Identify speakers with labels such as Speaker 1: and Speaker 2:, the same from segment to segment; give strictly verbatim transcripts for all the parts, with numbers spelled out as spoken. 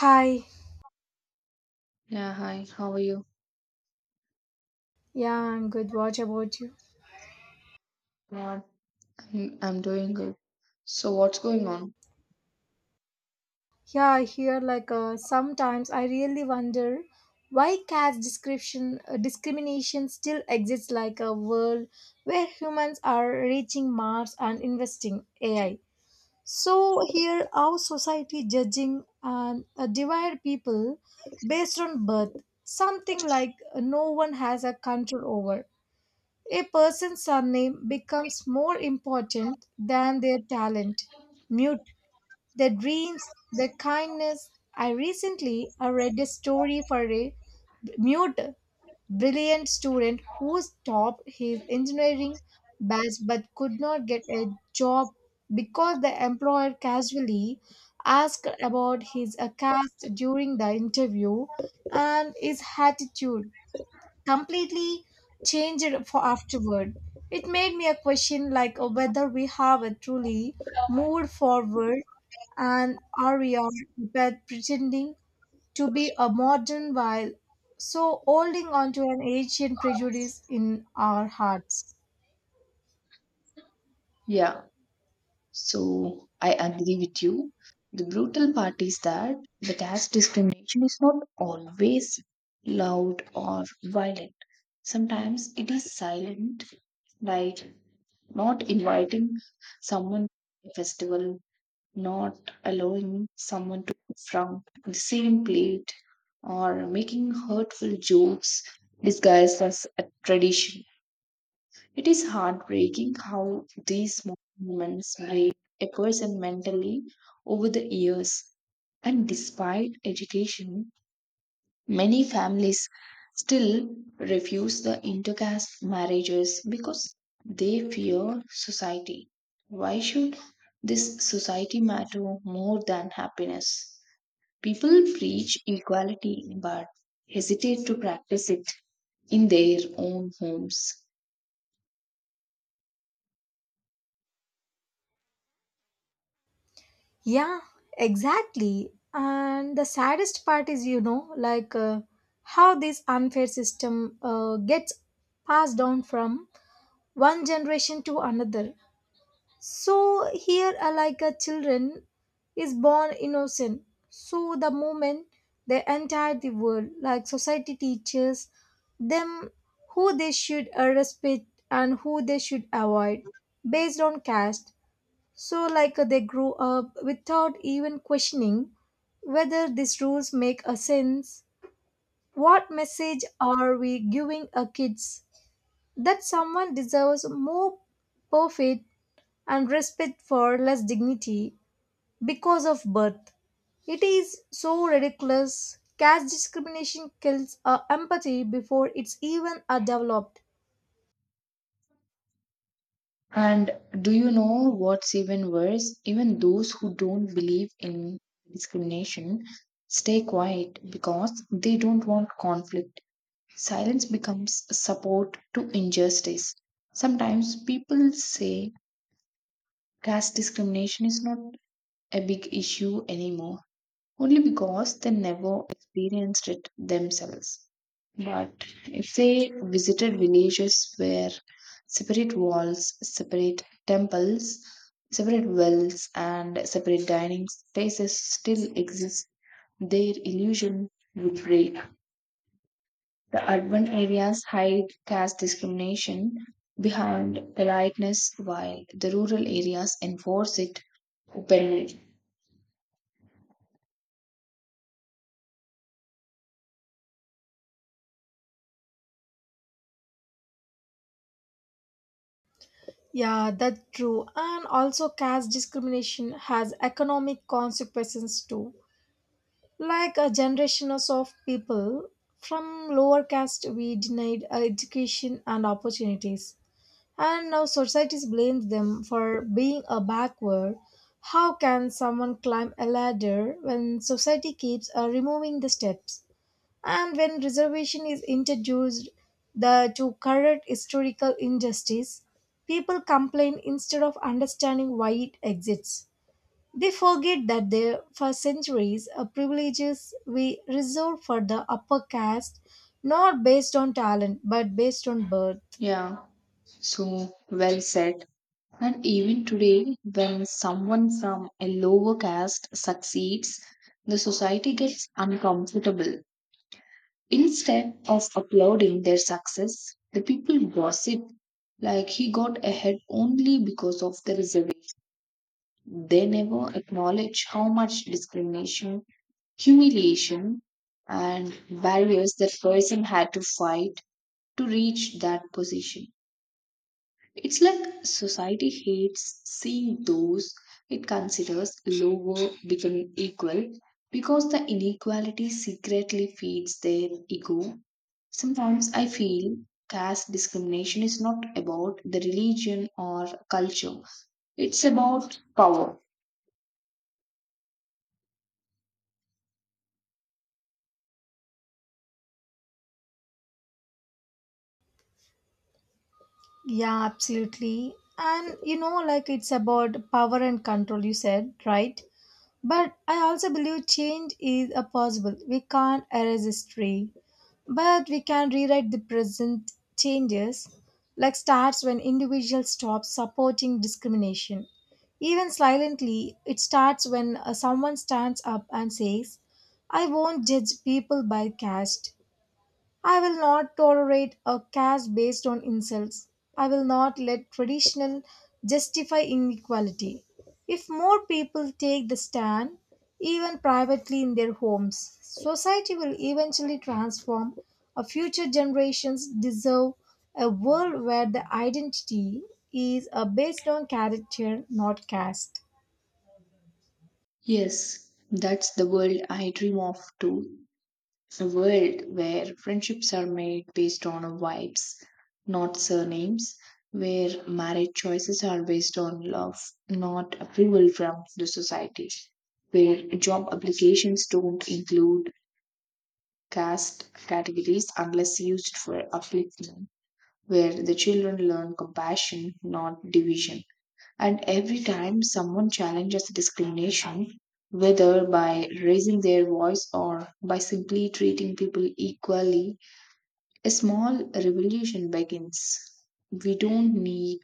Speaker 1: Hi.
Speaker 2: Yeah, hi, how are you?
Speaker 1: Yeah, I'm good. What about you?
Speaker 2: Yeah. I'm, I'm doing good. So, what's going on?
Speaker 1: Yeah, I hear like uh, sometimes I really wonder why caste description uh, discrimination still exists like a world where humans are reaching Mars and investing A I. So here our society judging and uh, divide people based on birth, something like uh, no one has a control over. A person's surname becomes more important than their talent mute the dreams, the kindness. I recently I read a story for a mute, brilliant student who topped his engineering batch but could not get a job because the employer casually asked about his uh, caste during the interview and his attitude completely changed for afterward. It made me a question like uh, whether we have a truly moved forward and are we all but pretending to be a modern while so holding on to an ancient prejudice in our hearts.
Speaker 2: Yeah, so I agree with you. The brutal part is that the caste discrimination is not always loud or violent. Sometimes it is silent, like not inviting someone to a festival, not allowing someone to eat from the same plate, or making hurtful jokes disguised as a tradition. It is heartbreaking how these small moments break a person mentally over the years. And despite education, many families still refuse the intercaste marriages because they fear society. Why should this society matter more than happiness? People preach equality but hesitate to practice it in their own homes.
Speaker 1: Yeah, exactly. And the saddest part is, you know, like uh, how this unfair system uh, gets passed down from one generation to another. So here, are like a children, is born innocent. So the moment they enter the world, like society teaches them who they should uh, respect and who they should avoid based on caste. So like uh, they grow up without even questioning whether these rules make a sense. What message are we giving our kids that someone deserves more perfect and respect for less dignity because of birth. It is so ridiculous. Caste discrimination kills our empathy before it's even uh, developed.
Speaker 2: And do you know what's even worse? Even those who don't believe in discrimination stay quiet because they don't want conflict. Silence becomes support to injustice. Sometimes people say caste discrimination is not a big issue anymore only because they never experienced it themselves. But if they visited villages where separate walls, separate temples, separate wells, and separate dining spaces still exist, their illusion would break. The urban areas hide caste discrimination behind politeness, while the rural areas enforce it openly.
Speaker 1: Yeah, that's true. And also, caste discrimination has economic consequences too. Like a generation of people from lower caste, we denied uh, education and opportunities and now societies blame them for being a backward. How can someone climb a ladder when society keeps uh, removing the steps? And when reservation is introduced the, to correct historical injustice, people complain instead of understanding why it exists. They forget that there, for centuries, uh, privileges were reserved for the upper caste, not based on talent but based on birth.
Speaker 2: Yeah, so well said. And even today, when someone from a lower caste succeeds, the society gets uncomfortable. Instead of applauding their success, the people gossip like he got ahead only because of the reservation. They never acknowledge how much discrimination, humiliation, and barriers that person had to fight to reach that position. It's like society hates seeing those it considers lower becoming equal because the inequality secretly feeds their ego. Sometimes I feel caste discrimination is not about the religion or culture, it's about power.
Speaker 1: Yeah, absolutely. And you know, like it's about power and control, you said, right? But I also believe change is a possible. We can't erase history, but we can rewrite the present changes, like starts when individuals stop supporting discrimination. Even silently, it starts when uh, someone stands up and says, I won't judge people by caste. I will not tolerate a caste based on insults. I will not let traditional justify inequality. If more people take the stand, even privately in their homes, society will eventually transform. Our future generations deserve a world where the identity is uh, based on character, not caste.
Speaker 2: Yes, that's the world I dream of too. It's a world where friendships are made based on vibes, not surnames, where marriage choices are based on love, not approval from the society, where job applications don't include caste categories unless used for upliftment, where the children learn compassion, not division. And every time someone challenges discrimination, whether by raising their voice or by simply treating people equally, a small revolution begins. We don't need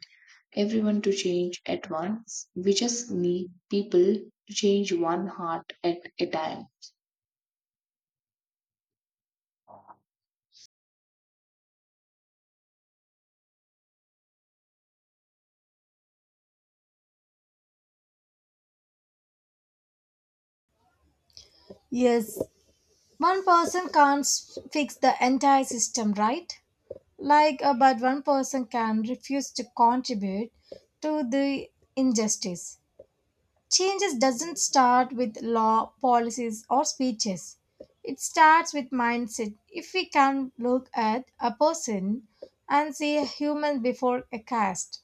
Speaker 2: everyone to change at once, we just need people to change one heart at a time.
Speaker 1: Yes, one person can't s- fix the entire system right like uh, but one person can refuse to contribute to the injustice changes doesn't start with law policies or speeches it starts with mindset if we can look at a person and see a human before a caste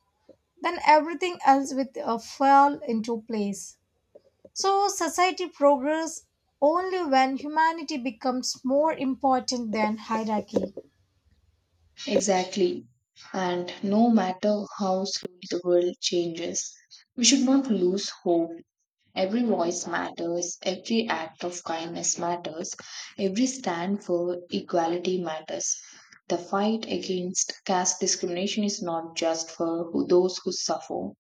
Speaker 1: then everything else will uh, fall into place so, society progress only when humanity becomes more important than hierarchy.
Speaker 2: Exactly. And no matter how slowly the world changes, we should not lose hope. Every voice matters, every act of kindness matters, every stand for equality matters. The fight against caste discrimination is not just for who, those who suffer,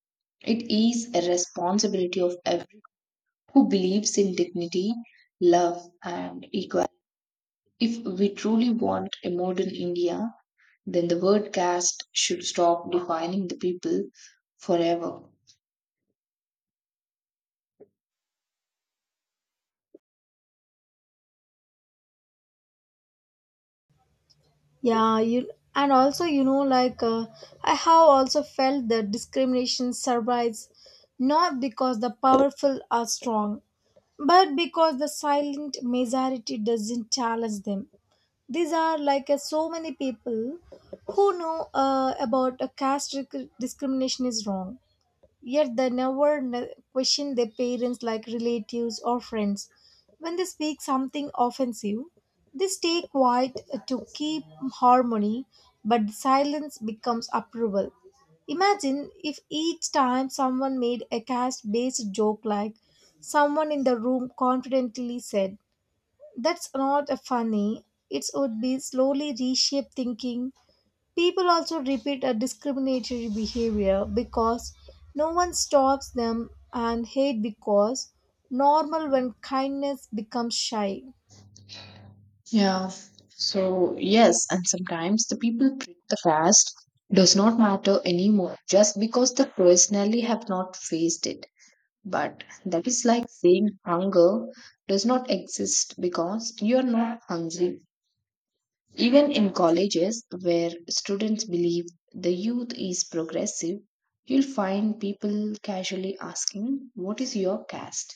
Speaker 2: it is a responsibility of everyone who believes in dignity, love, and equality. If we truly want a modern India, then the word caste should stop defining the people forever.
Speaker 1: Yeah, you and also you know like uh, I have also felt that discrimination survives not because the powerful are strong, but because the silent majority doesn't challenge them. These are like uh, so many people who know uh, about a caste disc- discrimination is wrong. Yet they never n- question their parents like relatives or friends. When they speak something offensive, they stay quiet to keep harmony, but silence becomes approval. Imagine if each time someone made a caste based joke, like someone in the room confidently said, That's not funny. It would be slowly reshape thinking. People also repeat a discriminatory behavior because no one stops them and hate because normal when kindness becomes shy.
Speaker 2: Yeah. So, yes, and sometimes the people treat the past does not matter anymore just because they personally have not faced it. But that is like saying hunger does not exist because you are not hungry. Even in colleges where students believe the youth is progressive, you'll find people casually asking, "What is your caste?"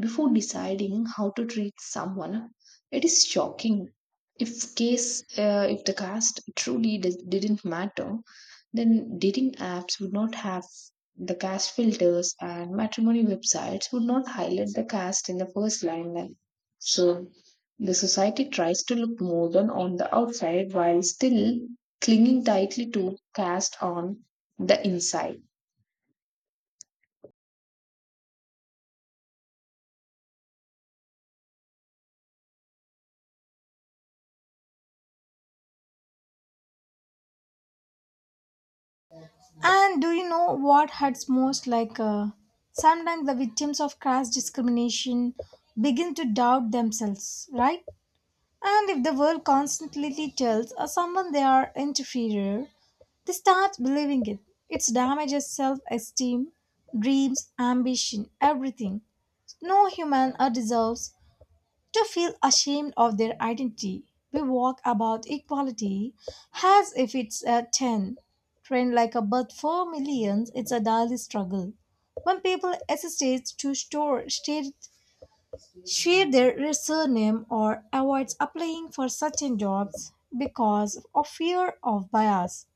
Speaker 2: before deciding how to treat someone. It is shocking. If case, uh, if the caste truly d- didn't matter, then dating apps would not have the caste filters and matrimony websites would not highlight the caste in the first line. Then. So the society tries to look modern on the outside while still clinging tightly to caste on the inside.
Speaker 1: And do you know what hurts most? Like uh, sometimes the victims of class discrimination begin to doubt themselves, right? And if the world constantly tells uh, someone they are inferior, they start believing it. It damages self esteem, dreams, ambition, everything. No human uh, deserves to feel ashamed of their identity. We walk about equality as if it's a ten. Trained like a bird for millions, it's a daily struggle. When people hesitate to store, state, share their surname or avoids applying for certain jobs because of fear of bias,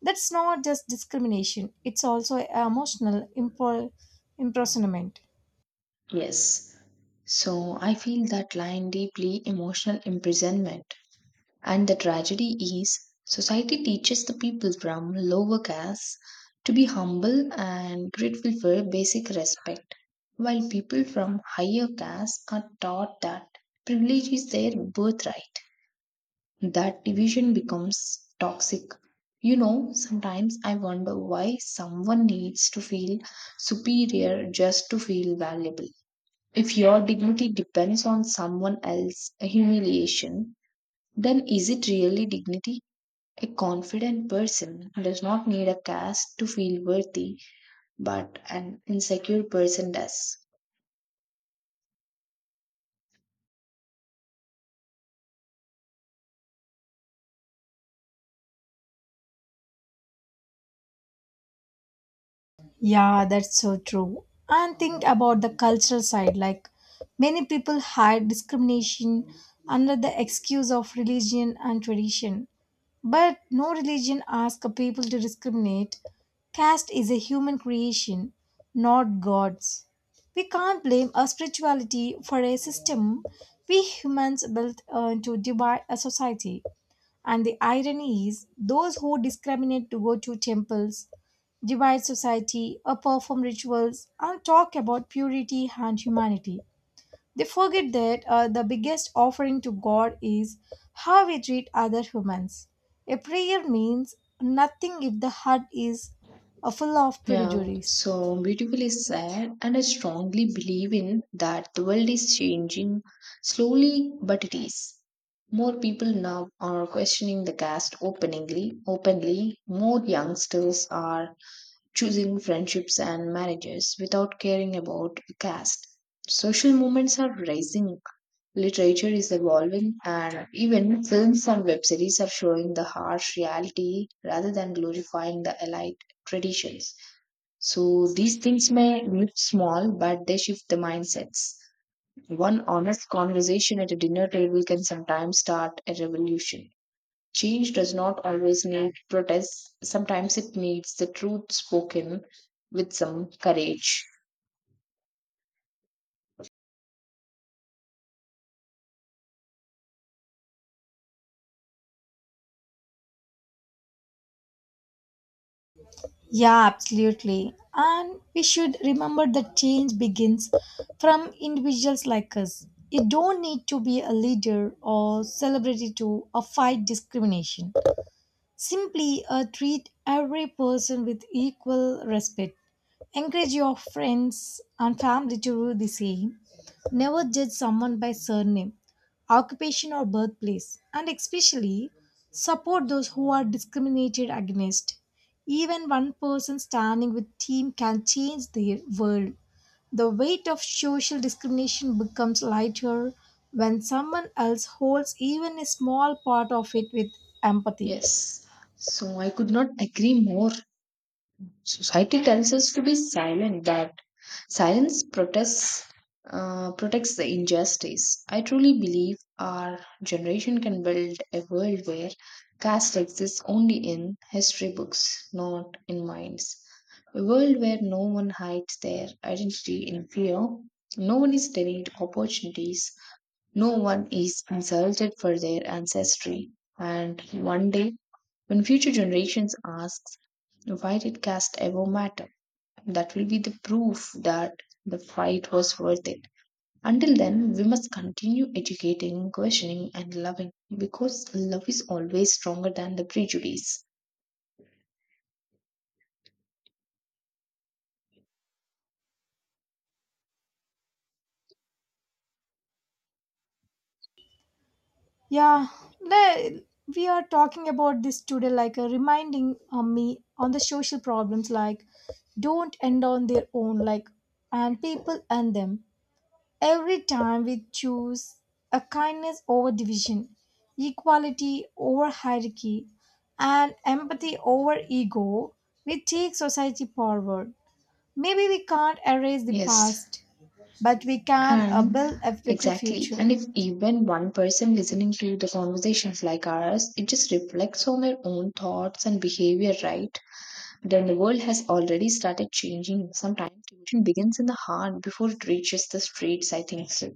Speaker 1: that's not just discrimination, it's also emotional impor- imprisonment.
Speaker 2: Yes. So I feel that line deeply, emotional imprisonment. And the tragedy is society teaches the people from lower castes to be humble and grateful for basic respect, while people from higher castes are taught that privilege is their birthright. That division becomes toxic. You know, sometimes I wonder why someone needs to feel superior just to feel valuable. If your dignity depends on someone else's humiliation, then is it really dignity? A confident person does not need a caste to feel worthy, but an insecure person does.
Speaker 1: Yeah, that's so true. And think about the cultural side. Like many people hide discrimination under the excuse of religion and tradition. But no religion asks a people to discriminate. Caste is a human creation, not God's. We can't blame a spirituality for a system we humans built uh, to divide a society. And the irony is, those who discriminate to go to temples, divide society, or perform rituals, and talk about purity and humanity. They forget that uh, the biggest offering to God is how we treat other humans. A prayer means nothing if the heart is uh, full of
Speaker 2: Yeah,
Speaker 1: prejudice.
Speaker 2: so beautifully said, and I strongly believe in that the world is changing slowly, but it is. More people now are questioning the caste openly, openly. More youngsters are choosing friendships and marriages without caring about caste. Social movements are rising, literature is evolving, and even films and web series are showing the harsh reality rather than glorifying the allied traditions. So these things may look small, but they shift the mindsets. One honest conversation at a dinner table can sometimes start a revolution. Change does not always need protests, sometimes it needs the truth spoken with some courage.
Speaker 1: Yeah, absolutely. And we should remember that change begins from individuals like us. You don't need to be a leader or celebrity to uh, fight discrimination. Simply uh, treat every person with equal respect. Encourage your friends and family to do the same. Never judge someone by surname, occupation, or birthplace. And especially support those who are discriminated against. Even one person standing with team can change the world. The weight of social discrimination becomes lighter when someone else holds even a small part of it with empathy.
Speaker 2: Yes. So I could not agree more. Society tells us to be silent, that silence protests, uh, protects the injustice. I truly believe our generation can build a world where caste exists only in history books, not in minds. A world where no one hides their identity in fear, no one is denied opportunities, no one is insulted for their ancestry. And one day, when future generations ask, why did caste ever matter? That will be the proof that the fight was worth it. Until then, we must continue educating, questioning, and loving because love is always stronger than the prejudice.
Speaker 1: Yeah, le- we are talking about this today, like uh, reminding uh, me on the social problems, like don't end on their own, like and people end them. Every time we choose a kindness over division, equality over hierarchy, and empathy over ego, we take society forward. Maybe we can't erase the
Speaker 2: Yes,
Speaker 1: past, but we can uh,
Speaker 2: and
Speaker 1: build a better
Speaker 2: exactly.
Speaker 1: future.
Speaker 2: And if even one person listening to the conversations like ours, it just reflects on their own thoughts and behavior, right? Then the world has already started changing. Sometimes tuition begins in the heart before it reaches the streets, I think so.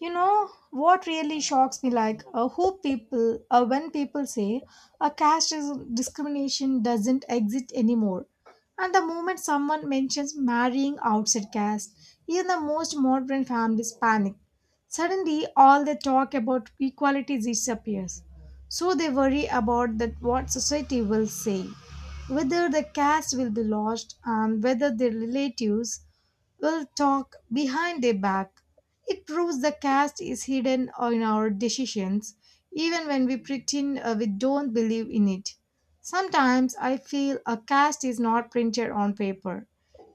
Speaker 1: You know what really shocks me like uh, who people uh, when people say a caste dis- discrimination doesn't exist anymore and the moment someone mentions marrying outside caste even the most modern families panic suddenly all the talk about equality disappears so they worry about that what society will say whether the caste will be lost and whether their relatives will talk behind their back. It proves the caste is hidden in our decisions, even when we pretend uh, we don't believe in it. Sometimes I feel a caste is not printed on paper.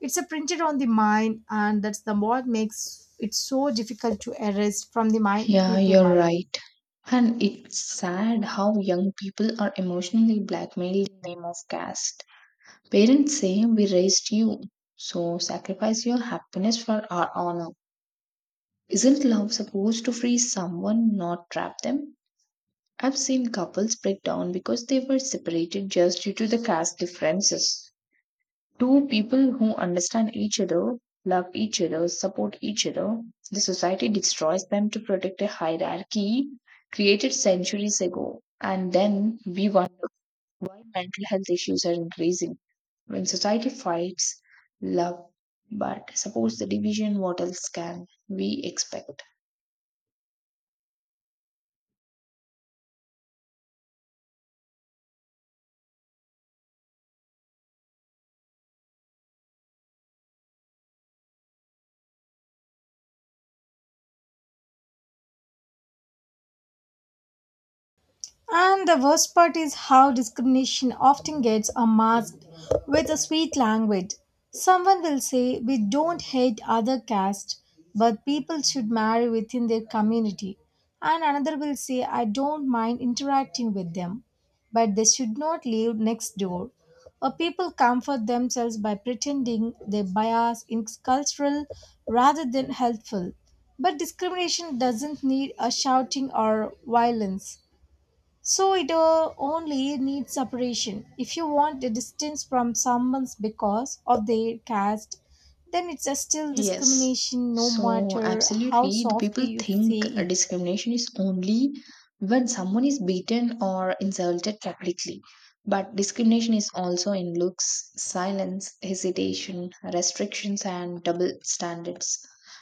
Speaker 1: It's a printed on the mind, and that's the what makes it so difficult to erase from the mind
Speaker 2: Yeah,
Speaker 1: people
Speaker 2: you're
Speaker 1: mind.
Speaker 2: right. And it's sad how young people are emotionally blackmailed in the name of caste. Parents say, "We raised you, so sacrifice your happiness for our honor." Isn't love supposed to free someone, not trap them? I've seen couples break down because they were separated just due to the caste differences. Two people who understand each other, love each other, support each other, the society destroys them to protect a hierarchy created centuries ago. And then we wonder why mental health issues are increasing. When society fights love but supports the division, what else can we expect?
Speaker 1: And the worst part is how discrimination often gets uh, masked with a sweet language. Someone will say, We don't hate other caste, but people should marry within their community. And another will say, I don't mind interacting with them, but they should not live next door. Or people comfort themselves by pretending their bias is cultural rather than helpful. But discrimination doesn't need a shouting or violence. So it uh, only needs separation. If you want a distance from someone's because of their caste, then it's a still
Speaker 2: Yes.
Speaker 1: discrimination no
Speaker 2: So,
Speaker 1: matter how
Speaker 2: absolutely, the
Speaker 1: softly
Speaker 2: people
Speaker 1: you say
Speaker 2: think
Speaker 1: it.
Speaker 2: discrimination is only when someone is beaten or insulted publicly. But discrimination is also in looks, silence, hesitation, restrictions, and double standards.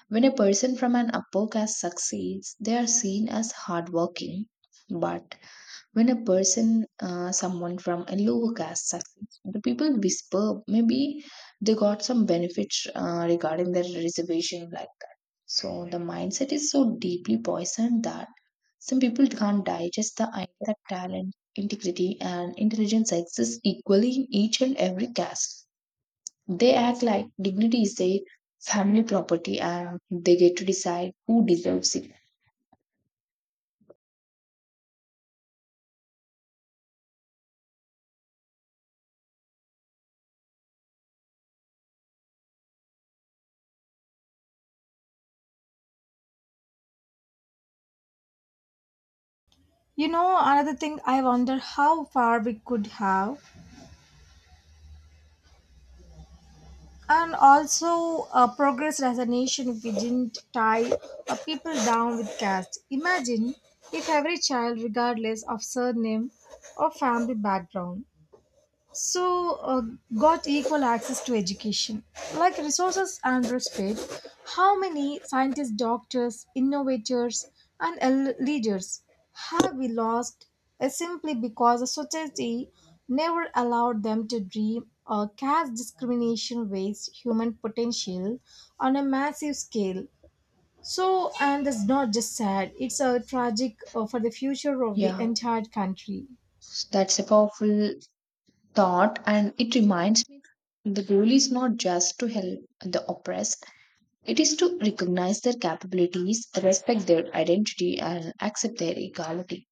Speaker 2: When a person from an upper caste succeeds, they are seen as hardworking. But when a person, uh, someone from a lower caste succeeds, the people whisper maybe they got some benefits uh, regarding their reservation like that. So the mindset is so deeply poisoned that some people can't digest the idea that talent, integrity, and intelligence exist equally in each and every caste. They act like dignity is their family property and they get to decide who deserves it.
Speaker 1: You know, another thing I wonder how far we could have and also uh, progress as a nation if we didn't tie uh, people down with caste. Imagine if every child, regardless of surname or family background, so uh, got equal access to education like resources and respect how many scientists doctors innovators and el- leaders have we lost uh, simply because the society never allowed them to dream or caste discrimination wastes human potential on a massive scale so and that's not just sad it's a tragic uh, for the future of the
Speaker 2: Yeah,
Speaker 1: entire country.
Speaker 2: that's a powerful thought, and it reminds me the goal is not just to help the oppressed, it is to recognize their capabilities, respect their identity, and accept their equality.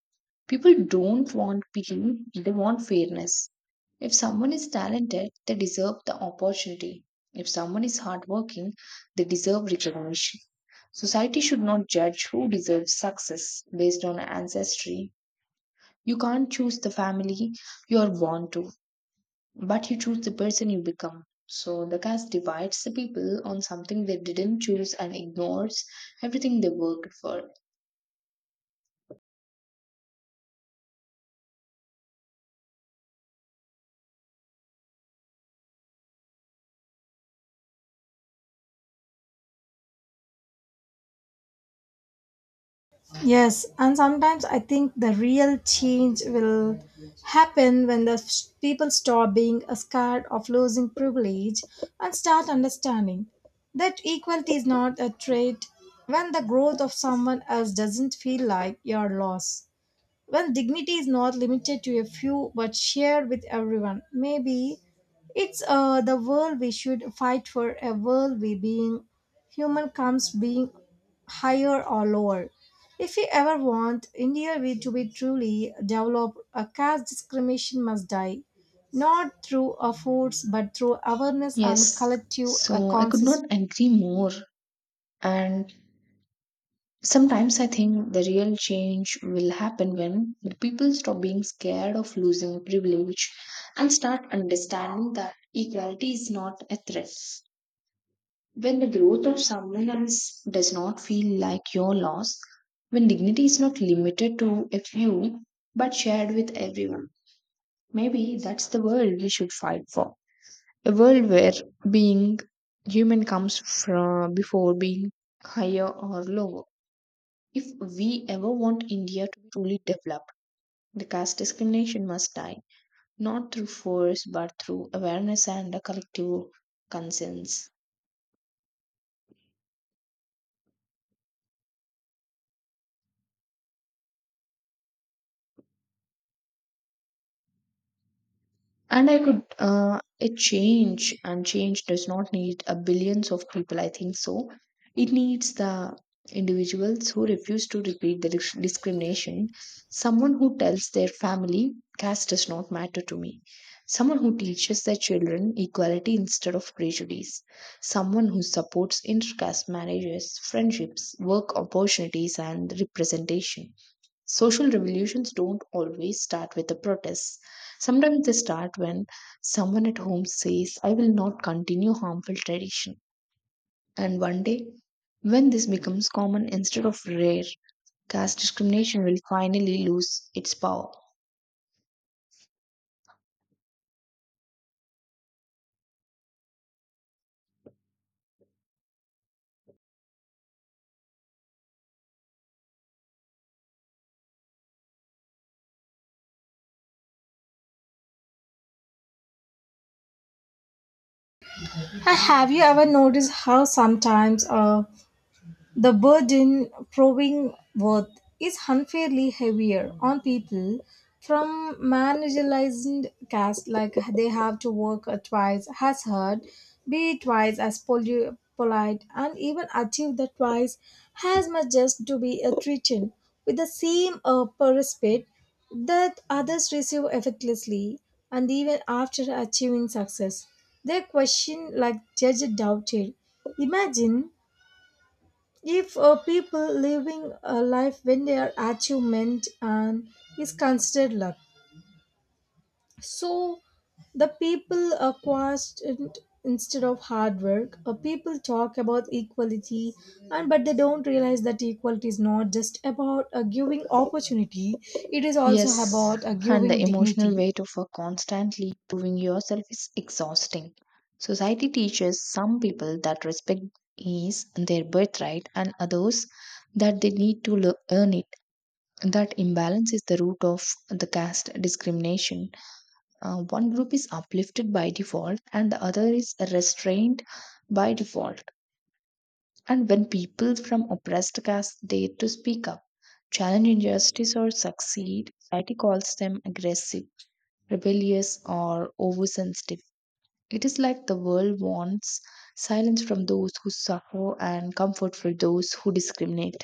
Speaker 2: People don't want pity, they want fairness. If someone is talented, they deserve the opportunity. If someone is hardworking, they deserve recognition. Society should not judge who deserves success based on ancestry. You can't choose the family you are born to, but you choose the person you become. So the caste divides the people on something they didn't choose and ignores everything they worked for.
Speaker 1: Yes, and sometimes I think the real change will happen when the s- people stop being scared of losing privilege and start understanding that equality is not a trait when the growth of someone else doesn't feel like your loss when dignity is not limited to a few but shared with everyone. Maybe it's uh, the world we should fight for, a world we being human comes being higher or lower. If we ever want India we- to be truly developed, a caste discrimination must die, not through a force but through awareness and
Speaker 2: Yes,
Speaker 1: collective uh,
Speaker 2: so I could
Speaker 1: consciousness.
Speaker 2: not agree more. And sometimes I think the real change will happen when the people stop being scared of losing privilege and start understanding that equality is not a threat. When the growth of someone else does not feel like your loss, when dignity is not limited to a few but shared with everyone, maybe that's the world we should fight for. A world where being human comes from before being higher or lower. If we ever want India to be truly develop, the caste discrimination must die, not through force but through awareness and a collective conscience. And I could uh, a change, and change does not need a billions of people, I think so. It needs the individuals who refuse to repeat the dis- discrimination. Someone who tells their family caste does not matter to me, someone who teaches their children equality instead of prejudice, someone who supports intercaste marriages, friendships, work opportunities, and representation. Social revolutions don't always start with the protests. Sometimes they start when someone at home says, "I will not continue harmful tradition." And one day, when this becomes common instead of rare, caste discrimination will finally lose its power.
Speaker 1: Ha- Have you ever noticed how sometimes uh, the burden proving worth is unfairly heavier on people from marginalized caste like they have to work twice as hard, be twice as poli- polite and even achieve the twice as much just to be a treated with the same uh, respect that others receive effortlessly and even after achieving success. They question like judge doubted. Imagine if uh, people living a life when their achievement and is considered luck, so the people are constant instead of hard work. Uh, people talk about equality, and but they don't realize that equality is not just about uh, giving opportunity; it is also
Speaker 2: Yes,
Speaker 1: about uh,
Speaker 2: and the
Speaker 1: giving
Speaker 2: emotional
Speaker 1: dignity.
Speaker 2: weight of a constantly proving yourself is exhausting. Society teaches some people that respect is their birthright and others that they need to lear- earn it. That imbalance is the root of the caste discrimination. Uh, one group is uplifted by default and the other is restrained by default. And when people from oppressed castes dare to speak up, challenge injustice, or succeed, society calls them aggressive, rebellious, or oversensitive. It is like the world wants silence from those who suffer and comfort for those who discriminate.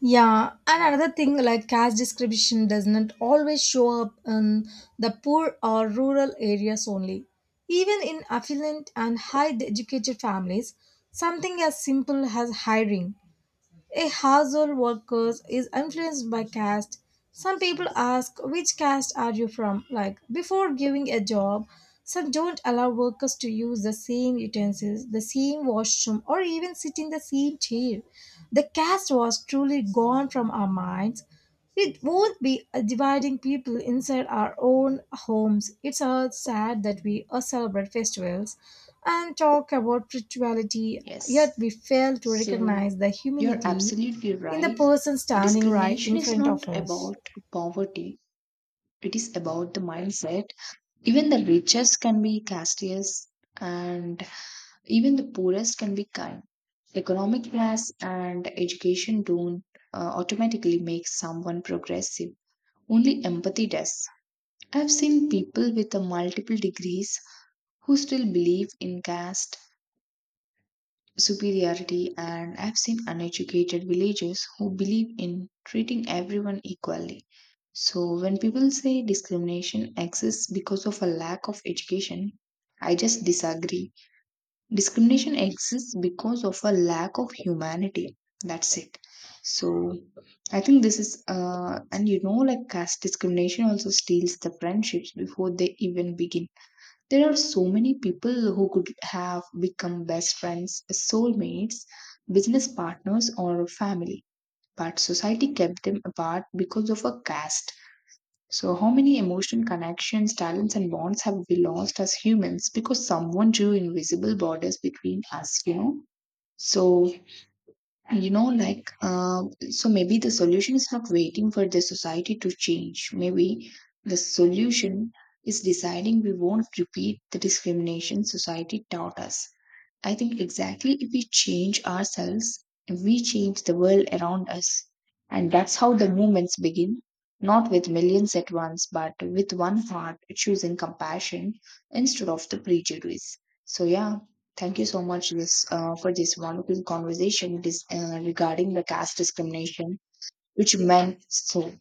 Speaker 1: Yeah, and another thing like caste discrimination does not always show up in the poor or rural areas only. Even in affluent and high educated families, something as simple as hiring a household worker is influenced by caste. Some people ask, Which caste are you from? Like, before giving a job, some don't allow workers to use the same utensils, the same washroom, or even sit in the same chair. The caste was truly gone from our minds. It won't be dividing people inside our own homes. It's all sad that we uh, celebrate festivals and talk about spirituality, yet
Speaker 2: Yes.
Speaker 1: we fail to
Speaker 2: So
Speaker 1: recognize the
Speaker 2: you're
Speaker 1: humanity
Speaker 2: absolutely
Speaker 1: in the
Speaker 2: right.
Speaker 1: person
Speaker 2: The
Speaker 1: standing right in
Speaker 2: discrimination is
Speaker 1: front of
Speaker 2: not
Speaker 1: us.
Speaker 2: about poverty, it is about the mindset. Even the richest can be castious, and even the poorest can be kind. Economic class and education don't uh, automatically make someone progressive. Only empathy does. I've seen people with a multiple degrees who still believe in caste superiority, and I've seen uneducated villagers who believe in treating everyone equally. So, when people say discrimination exists because of a lack of education, I just disagree. Discrimination exists because of a lack of humanity. That's it. So I think this is uh, and you know like caste discrimination also steals the friendships before they even begin. There are so many people who could have become best friends, soulmates, business partners, or family, but society kept them apart because of a caste. So, how many emotion connections, talents, and bonds have we lost as humans because someone drew invisible borders between us, you know? So, you know, like, uh, so maybe the solution is not waiting for the society to change. Maybe the solution is deciding we won't repeat the discrimination society taught us. I think exactly if we change ourselves, we change the world around us. And that's how the movements begin, not with millions at once, but with one heart choosing compassion instead of the prejudice. So, yeah, thank you so much this, uh, for this wonderful conversation this, uh, regarding the caste discrimination, which meant so